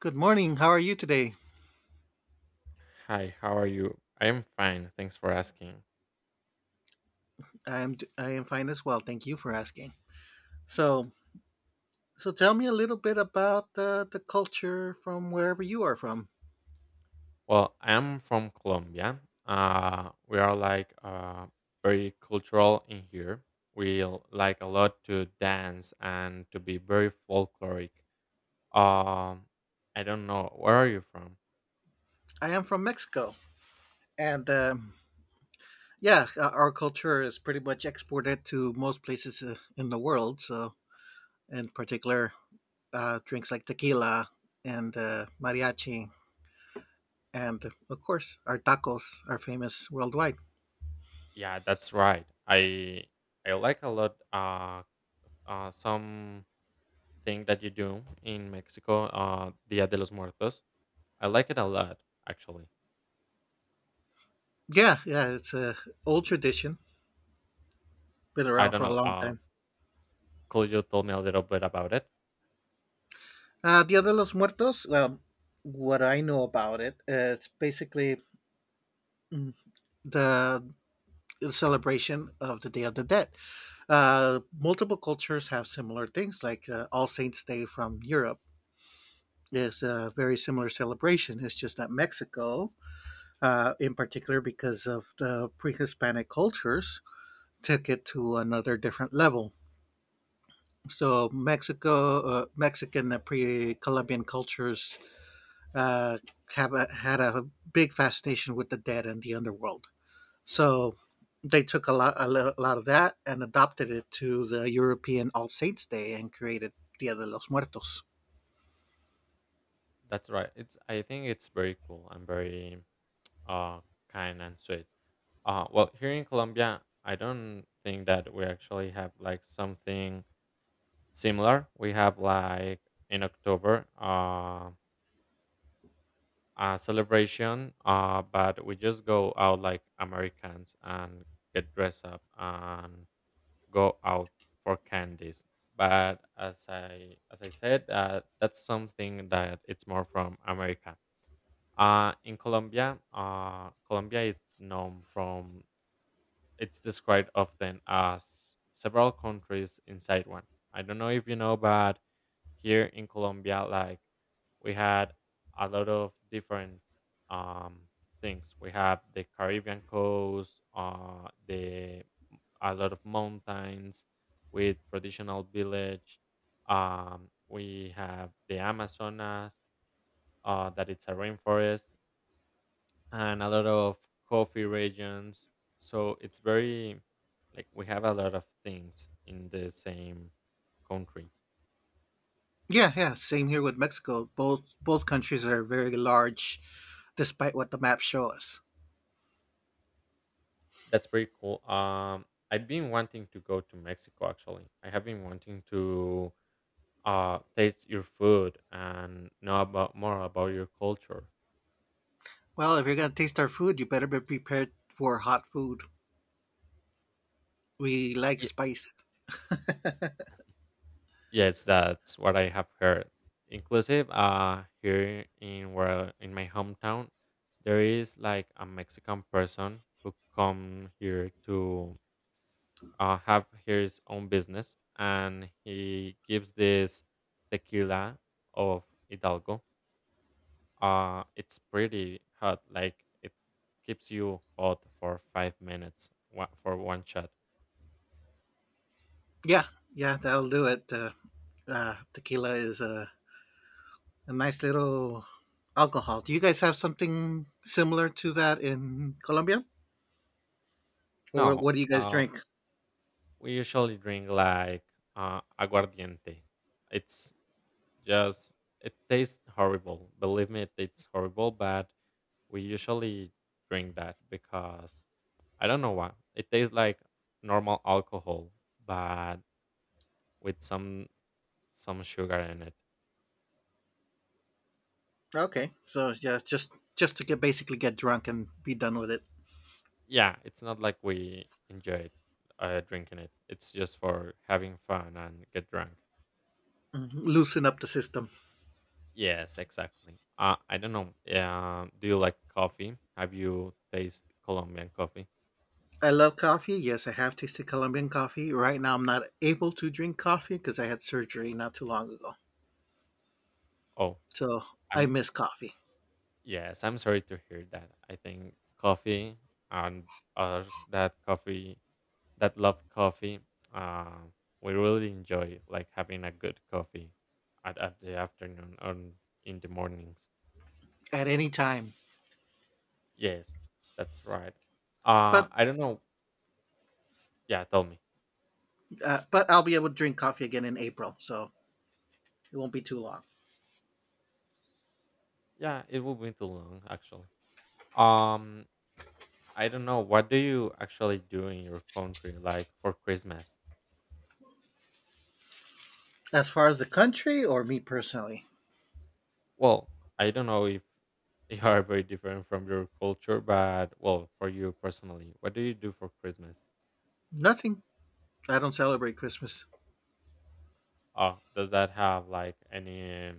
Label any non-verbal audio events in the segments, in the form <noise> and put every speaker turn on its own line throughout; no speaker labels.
Good morning. How are you today?
Hi, how are you? I am fine. Thanks for asking.
I am fine as well. Thank you for asking. So, so tell me a little bit about the culture from wherever you are from.
Well, I am from Colombia. We are like very cultural in here. Like a lot to dance and to be very folkloric. Um, I don't know. Where are you from?
I am from Mexico, and yeah, our culture is pretty much exported to most places in the world. So, in particular, drinks like tequila and mariachi, and of course, our tacos are famous worldwide.
Yeah, that's right. I like a lot some thing that you do in Mexico, Dia de los Muertos. I like it a lot, actually.
Yeah, yeah, it's a old tradition, been
I
around
don't
for a
know.
long time.
Could you tell me a little bit about it?
Dia de los Muertos. Well, what I know about it, it's basically mm, the celebration of the Day of the Dead. Multiple cultures have similar things, like All Saints Day from Europe is a very similar celebration. It's just that Mexico, in particular, because of the pre-Hispanic cultures, took it to another different level. So Mexico, Mexican pre-Columbian cultures uh, had a big fascination with the dead and the underworld. So they took a lot of that and adopted it to the European All Saints Day and created Dia de los Muertos.
That's right. It's I think it's very cool and very uh kind and sweet. Well, here in Colombia, I don't think that we actually have like something similar. We have like in October a celebration but we just go out like Americans and get dressed up and go out for candies. But as I said, that's something that it's more from America. In Colombia, Colombia is known from, it's described often as several countries inside one. I don't know if you know, but here in Colombia, like, we had a lot of different um, things. We have the Caribbean coast, the a lot of mountains with traditional village. We have the Amazonas, that it's a rainforest and a lot of coffee regions. So it's very, like, we have a lot of things in the same country.
Yeah, yeah, same here with Mexico. Both countries are very large, despite what the maps show us.
That's pretty cool. I've been wanting to go to Mexico actually. I have been wanting to taste your food and know about more about your culture.
Well, if you're gonna taste our food, you better be prepared for hot food. We like
Ye-
spice.
Yes, that's what I have heard. Inclusive, here in, where in my hometown, there is like a Mexican person who come here to have his own business, and he gives this tequila of Hidalgo. It's pretty hot, like it keeps you hot for 5 minutes for one shot.
Yeah, yeah, that'll do it. Tequila is a nice little alcohol. Do you guys have something similar to that in Colombia, or
No,
what do you guys drink?
we usually drink like aguardiente. It's Just, it tastes horrible. Believe me, it tastes horrible, but we usually drink that because I don't know why. It tastes like normal alcohol, but with some sugar in it.
Okay, so yeah, just to get basically get drunk and be done with it.
Yeah, it's not like we enjoy drinking it. It's just for having fun and get drunk.
Mhm. Loosen up the system.
Yes, exactly. I don't know. Do you like coffee? Have you tasted Colombian coffee?
I love coffee. Yes, I have tasted Colombian coffee. Right now, I'm not able to drink coffee because I had surgery not too long ago,
Oh,
so I
I'm
miss coffee
yes. I'm sorry to hear that. I think coffee, and others that coffee, that love coffee, uh, we really enjoy like having a good coffee at the afternoon or in the mornings.
at any time.
Yes, that's right.
But
I don't know. Yeah, tell me.
but I'll be able to drink coffee again in April, so it won't be too long.
Yeah, it will be too long actually. Um, I don't know. What do you actually do in your country, like for Christmas?
As far as the country or me personally,
Well, I don't know if <laughs> they are very different from your culture, but well, for you personally, what do you do for Christmas?
nothing. I don't celebrate Christmas.
Does that have like any,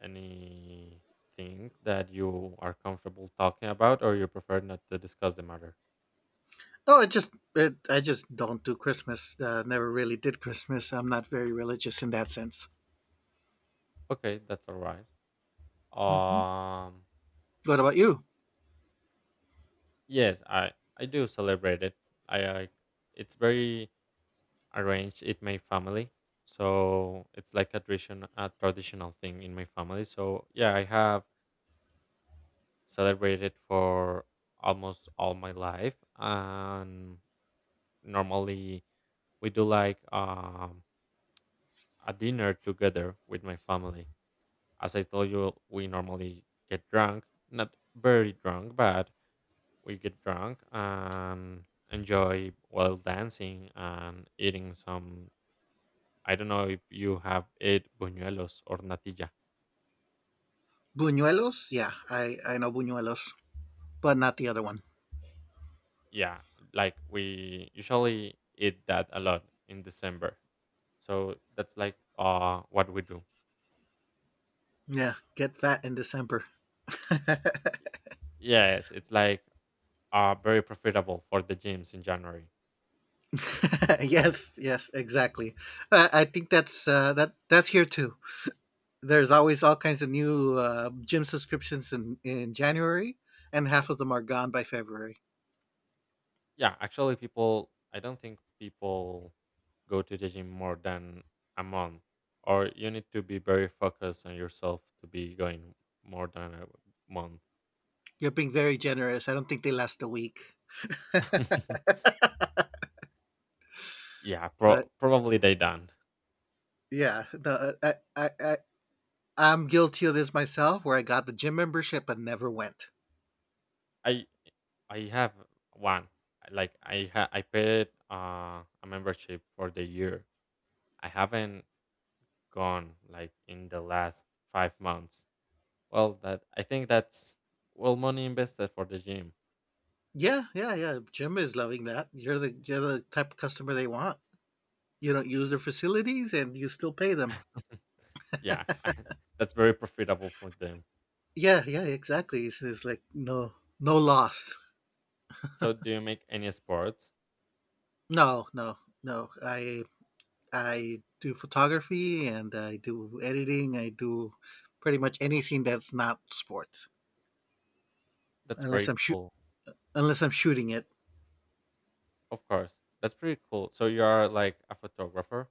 anything that you are comfortable talking about, or you prefer not to discuss the matter?
No, I just don't do Christmas. Never really did Christmas. I'm not very religious in that sense.
Okay, that's all right.
Hmm.
Um,
What about you?
yes, I do celebrate it. I, it's very arranged in my family, so it's like a tradition, a traditional thing in my family. So yeah, I have celebrated for almost all my life, and normally we do like a dinner together with my family. As I told you, we normally get drunk, not very drunk, but we get drunk and enjoy while dancing and eating some. I don't know if you have ate buñuelos or natilla.
Buñuelos? Yeah, I know buñuelos, but not the other one.
Yeah, like we usually eat that a lot in December. So that's like what we do.
Yeah, get fat in December.
Yes, it's like very profitable for the gyms in January.
<laughs> Yes, yes, exactly. I think that's that's here too. There's always all kinds of new gym subscriptions in January, and half of them are gone by February.
Yeah, actually, people, I don't think people go to the gym more than a month, or you need to be very focused on yourself to be going more than a month.
You're being very generous. I don't think they last a week, <laughs>
<laughs> Yeah,
but
probably they don't.
yeah, no, I'm guilty of this myself, where I got the gym membership but never went.
I I have one. Like I paid a membership for the year. I haven't gone like in the last 5 months. Well, that, I think that's well money invested for the gym.
Yeah, yeah, yeah. Gym is loving that. You're the type of customer they want. You don't use their facilities, and you still pay them.
<laughs> Yeah, <laughs> that's very profitable for them.
Yeah, yeah, exactly. It's like no, no loss.
So, do you make any sports?
No, no, no. I do photography and I do editing. I do pretty much anything that's not sports,
That's
unless
very
I'm shoot
cool.
unless I'm shooting it.
Of course, that's pretty cool. So you are like a photographer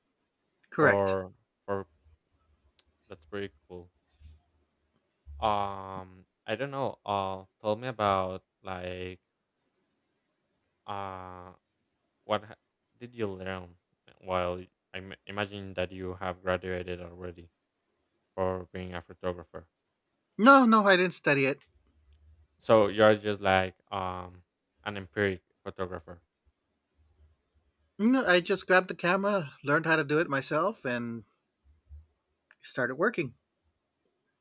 Correct.
for for that's pretty cool. I don't know. Tell me about like uh, what ha- did you learn while y- I imagine that you have graduated already for being a photographer.
No, no, I didn't study it.
So you are just like an empiric photographer.
No, I just grabbed the camera, learned how to do it myself, and started working.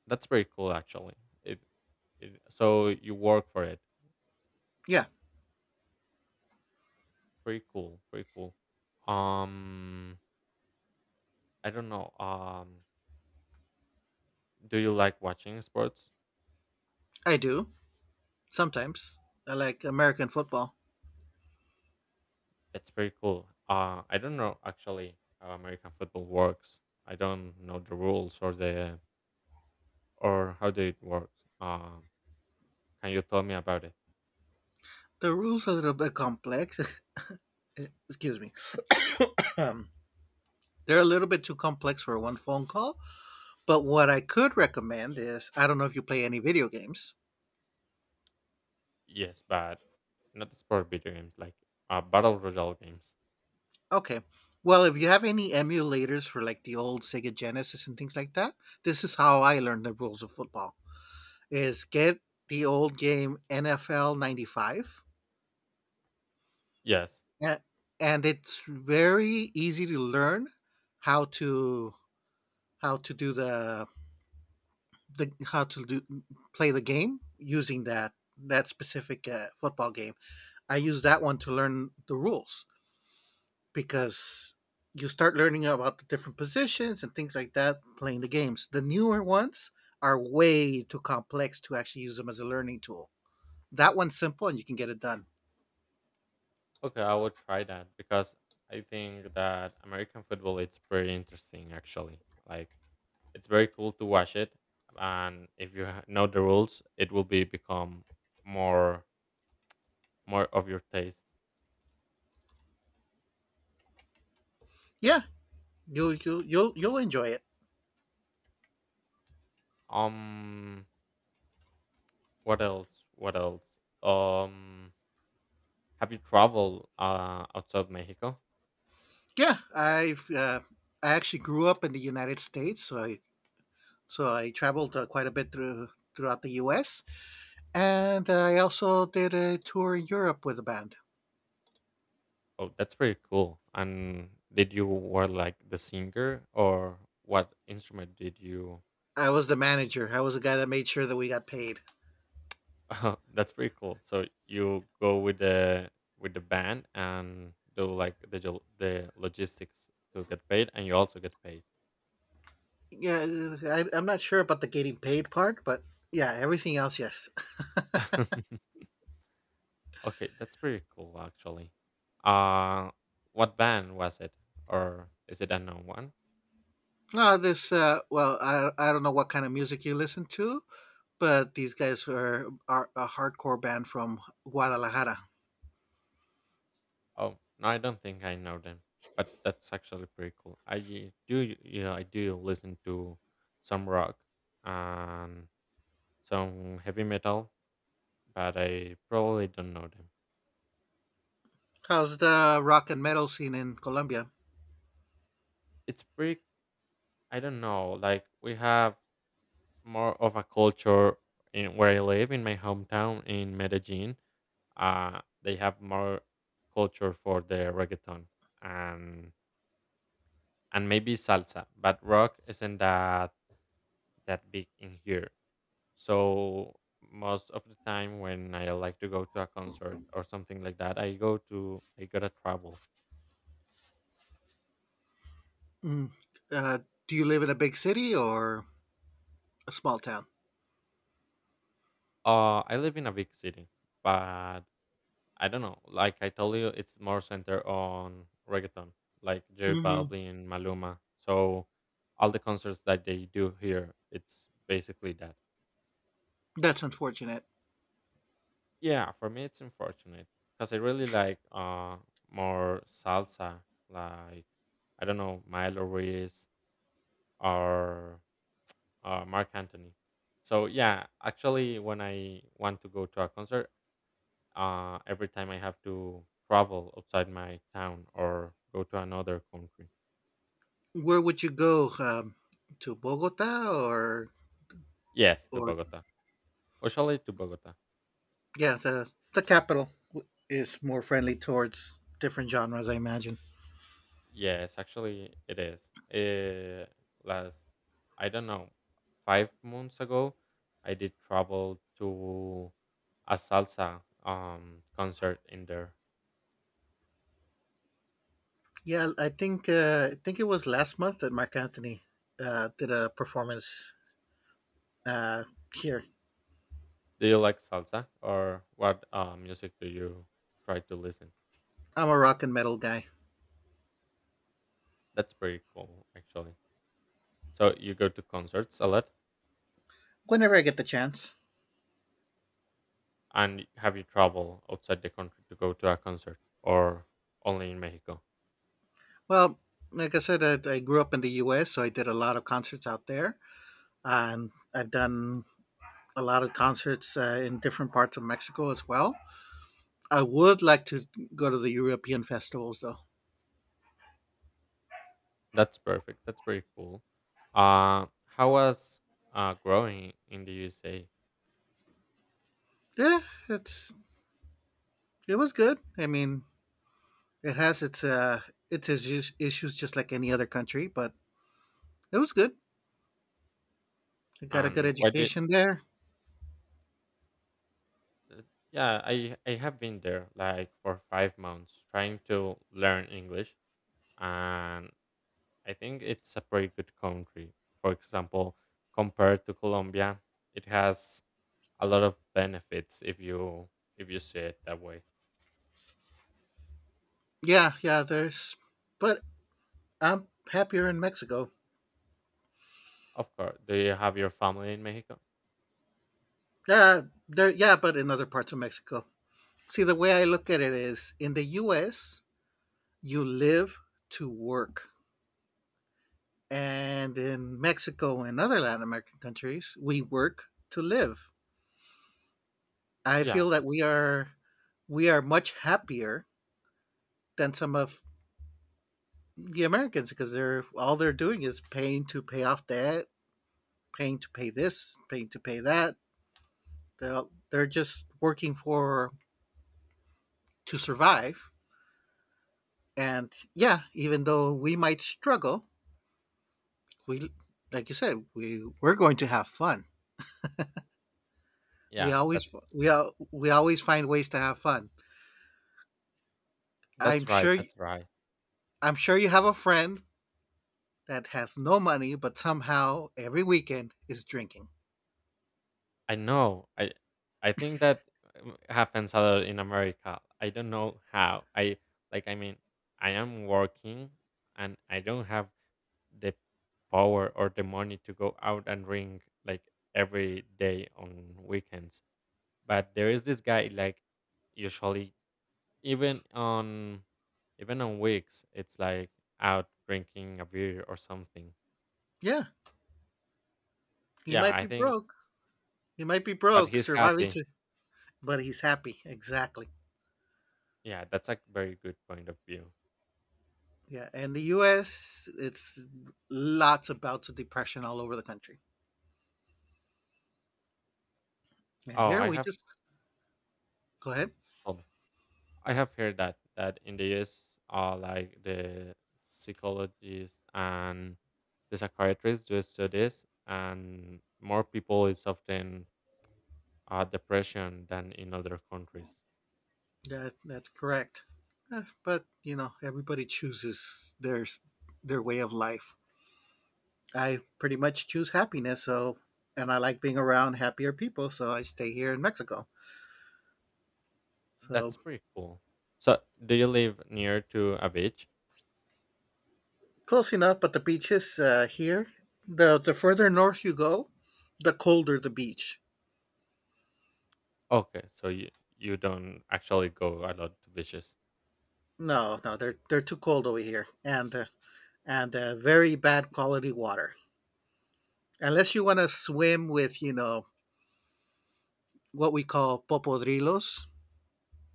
That's very cool, actually. It, it So you work for it.
Yeah,
Pretty cool. Pretty cool. Um, I don't know. Do you like watching sports?
I do. Sometimes. I like American football.
That's pretty cool. I don't know actually how American football works. I don't know the rules or the, or how they it works. Can you tell me about it?
The rules are a little bit complex. <laughs> Excuse me. Um, they're a little bit too complex for one phone call. But what I could recommend is I don't know if you play any video games.
Yes, but not the sport video games like battle royale games.
Okay. Well, if you have any emulators for like the old Sega Genesis and things like that, this is how I learned the rules of football. Is get the old game NFL 95
Yes.
A and it's very easy to learn how to how to do the how to do play the game using that specific, football game. I use that one to learn the rules because you start learning about the different positions and things like that playing the games. The newer ones are way too complex to actually use them as a learning tool. That one's simple and you can get it done.
Okay, I would try that because I think that American football it's pretty interesting actually. Like, it's very cool to watch it, and if you know the rules, it will be become more more of your taste.
Yeah, you'll enjoy it.
Um, what else? What else? Um, have you traveled outside Mexico?
Yeah, I actually grew up in the United States, so I traveled quite a bit throughout the U.S. and I also did a tour in Europe with the band.
Oh, that's pretty cool. And did you were like the singer or what instrument did you?
I was the manager. I was the guy that made sure that we got paid.
<laughs> Oh, that's pretty cool. So you go with the, with the band and do like the the logistics to get paid, and you also get paid.
Yeah, I'm not sure about the getting paid part, but yeah, everything else, yes.
<laughs> Okay, that's pretty cool actually. Uh what band was it, or is it unknown one?
No, I don't know what kind of music you listen to, but these guys are a hardcore band from Guadalajara.
Oh no, I don't think I know them. But that's actually pretty cool. I y- do y- Yeah, I do listen to some rock and some heavy metal, but I probably don't know them.
How's the rock and metal scene in Colombia?
It's pretty, I don't know. Like, we have more of a culture in where I live in my hometown in Medellin. They have more culture for the reggaeton and maybe salsa, but rock isn't that big in here. So most of the time when I like to go to a concert or something like that, I go to I gotta travel.
Mm. Uh, do you live in a big city or a small town?
I live in a big city, but I don't know. Like I told you, it's more centered on reggaeton, like J
Mhm.
Balvin, Maluma. So all the concerts that they do here, it's basically that.
That's unfortunate.
Yeah, for me, it's unfortunate because I really like more salsa, like, I don't know, Milo Ruiz or Mark Anthony. So yeah, actually, when I want to go to a concert, every time I have to travel outside my town or go to another country.
Where would you go? To Bogota
Yes, to
or
Bogota. Usually to Bogota.
yeah, the capital is more friendly towards different genres, I imagine.
Yes, actually it is. Eh, last, I don't know, 5 months ago, I did travel to a salsa concert in there.
Yeah, I think it was last month that Mark Anthony did a performance uh, here.
Do you like salsa or what music do you try to listen?
I'm a rock and metal guy.
That's pretty cool, actually. So you go to concerts a lot,
Whenever I get the chance.
and have you traveled outside the country to go to a concert or only in Mexico?
Well, like I said, I grew up in the U.S., so I did a lot of concerts out there, and I've done a lot of concerts in different parts of Mexico as well. I would like to go to the European festivals though.
That's perfect. That's pretty cool. How was growing in the USA,
Yeah, it's it was good. I mean, it has its issues just like any other country, but it was good. I got a good
and what did?
education there.
uh, Yeah, I have been there like for 5 months trying to learn English, and I think it's a pretty good country. For example, compared to Colombia, it has a lot of benefits if you see it that way.
Yeah, yeah, there's but I'm happier in Mexico.
Of course, do you have your family in Mexico?
Yeah, there yeah, but in other parts of Mexico. See, the way I look at it is in the US, you live to work. And in Mexico and other Latin American countries, we work to live. I
Yeah,
feel that
that's right.
we are much happier than some of the Americans because they're doing is paying to pay off debt, paying to pay this, paying to pay that. They're they're just working for to survive. And yeah, even though we might struggle, we like you said, we're going to have fun.
Yeah,
We always find ways to have fun.
that's
I'm
right.
sure
That's right.
I'm sure you have a friend that has no money, but somehow every weekend is drinking.
I know. I think that happens a lot in America. I don't know how. I mean, I am working and I don't have the power or the money to go out and drink like every day on weekends. But there is this guy like usually, even on even on weeks it's like out drinking a beer or something.
Yeah, he
Yeah,
might
I
be
think,
broke. He might be
but
broke,
he's
surviving
happy.
to, but he's happy. Exactly.
Yeah, that's a very good point of view.
Yeah, and the U.S. it's lots of bouts of depression all over the country, and
Oh,
here
I
we
have
just go ahead.
Oh, I have heard that that in the US, like the psychologists and the psychiatrists do studies, and more people is often, depression than in other countries.
That that's correct. Eh, but you know, everybody chooses their way of life. I pretty much choose happiness, so and I like being around happier people, so I stay here in Mexico.
That's
So
pretty cool. So, do you live near to a beach?
close enough, but the beaches here, the further north you go, the colder the beach.
Okay, so you don't actually go a lot to beaches.
No, no, they're too cold over here, and very bad quality water. Unless you want to swim with, you know, what we call popodrilos,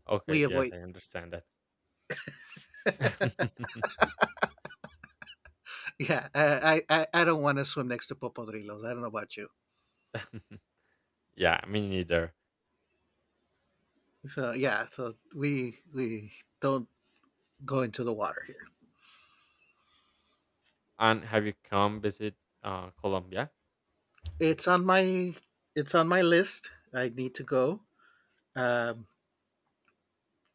Okay,
we
yes,
avoid.
I
<laughs>
understand that. <laughs>
Yeah, I don't want to swim next to popodrilos. I don't know about you.
Yeah, me neither.
So yeah, so we don't go into the water here.
And have you come visit Colombia?
It's on my it's on my list. I need to go. Um,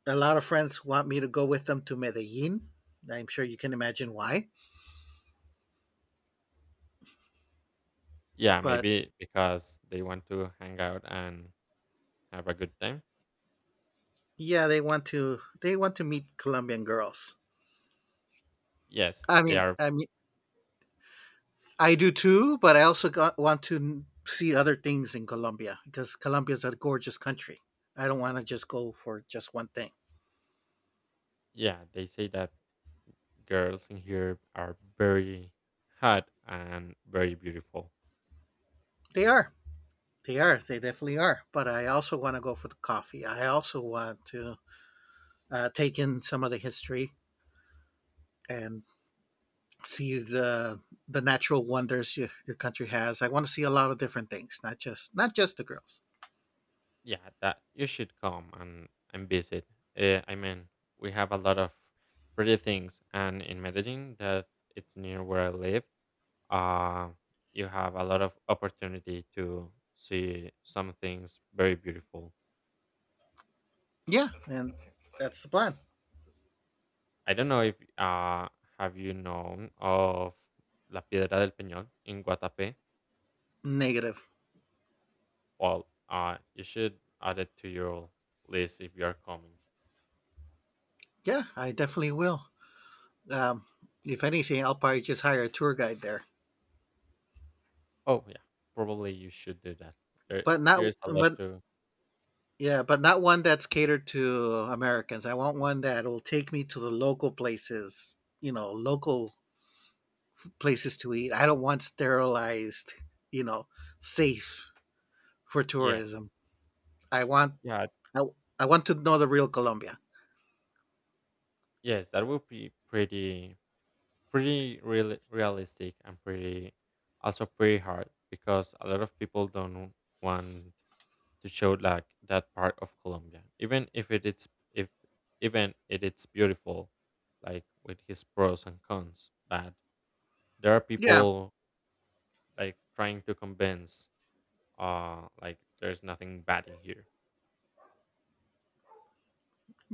a lot of friends want me to go with them to Medellin. I'm sure you can imagine why.
Yeah,
But
maybe because they want to hang out and have a good time.
yeah, they want to meet Colombian girls.
Yes, they are.
I mean, I do too, but want to see other things in Colombia because Colombia is a gorgeous country. I don't want to just go for just one thing.
Yeah, they say that girls in here are very hot and very beautiful.
They are. They are. They definitely are. But I also want to go for the coffee. I also want to take in some of the history and see the natural wonders your country has. I want to see a lot of different things, not just the girls.
Yeah, that you should come and visit. I mean, we have a lot of pretty things, and in Medellin, that it's near where I live. Uh, you have a lot of opportunity to see some things very beautiful.
Yeah, and that's the plan.
I don't know if have you known of La Piedra del Peñón in Guatapé?
Negative.
Well, you should add it to your list if you are coming.
Yeah, I definitely will. Um, if anything, I'll probably just hire a tour guide there,
Oh yeah, probably you should do that. There,
but not
Here's a lot
but
to,
yeah, but not one that's catered to Americans. I want one that will take me to the local places. You know, local places to eat. I don't want sterilized. You know, safe for
yeah,
tourism. I want
yeah,
I, I want to know the real Colombia.
yes, that would be pretty, realistic and pretty, also pretty hard because a lot of people don't want to show like that part of Colombia, even if it is, if even it it's beautiful, like with his pros and cons. But there are
Yeah,
people like trying to convince, like there's nothing bad in here.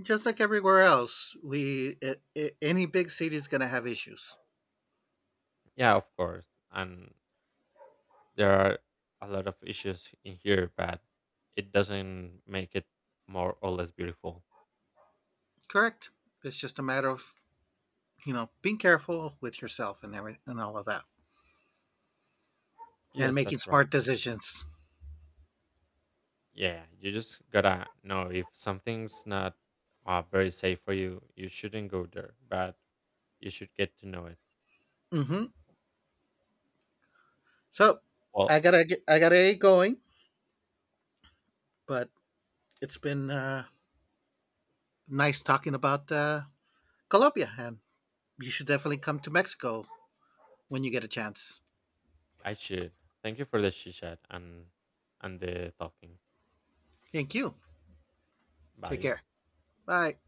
just like everywhere else, we I any big city is going to have issues.
Yeah, of course, and there are a lot of issues in here, but it doesn't make it more or less beautiful.
Correct. It's just a matter of you know being careful with yourself and every and all of that, and
Yes,
making
that's right.
smart decisions.
Yeah, you just gotta know if something's not, very safe for you, you shouldn't go there. But you should get to know it.
Hmm. So
Well,
I gotta get going, but it's been nice talking about Colombia, and you should definitely come to Mexico when you get a chance.
I should. Thank you for the chit chat and the talking.
Thank you. Take
Bye.
care. Bye.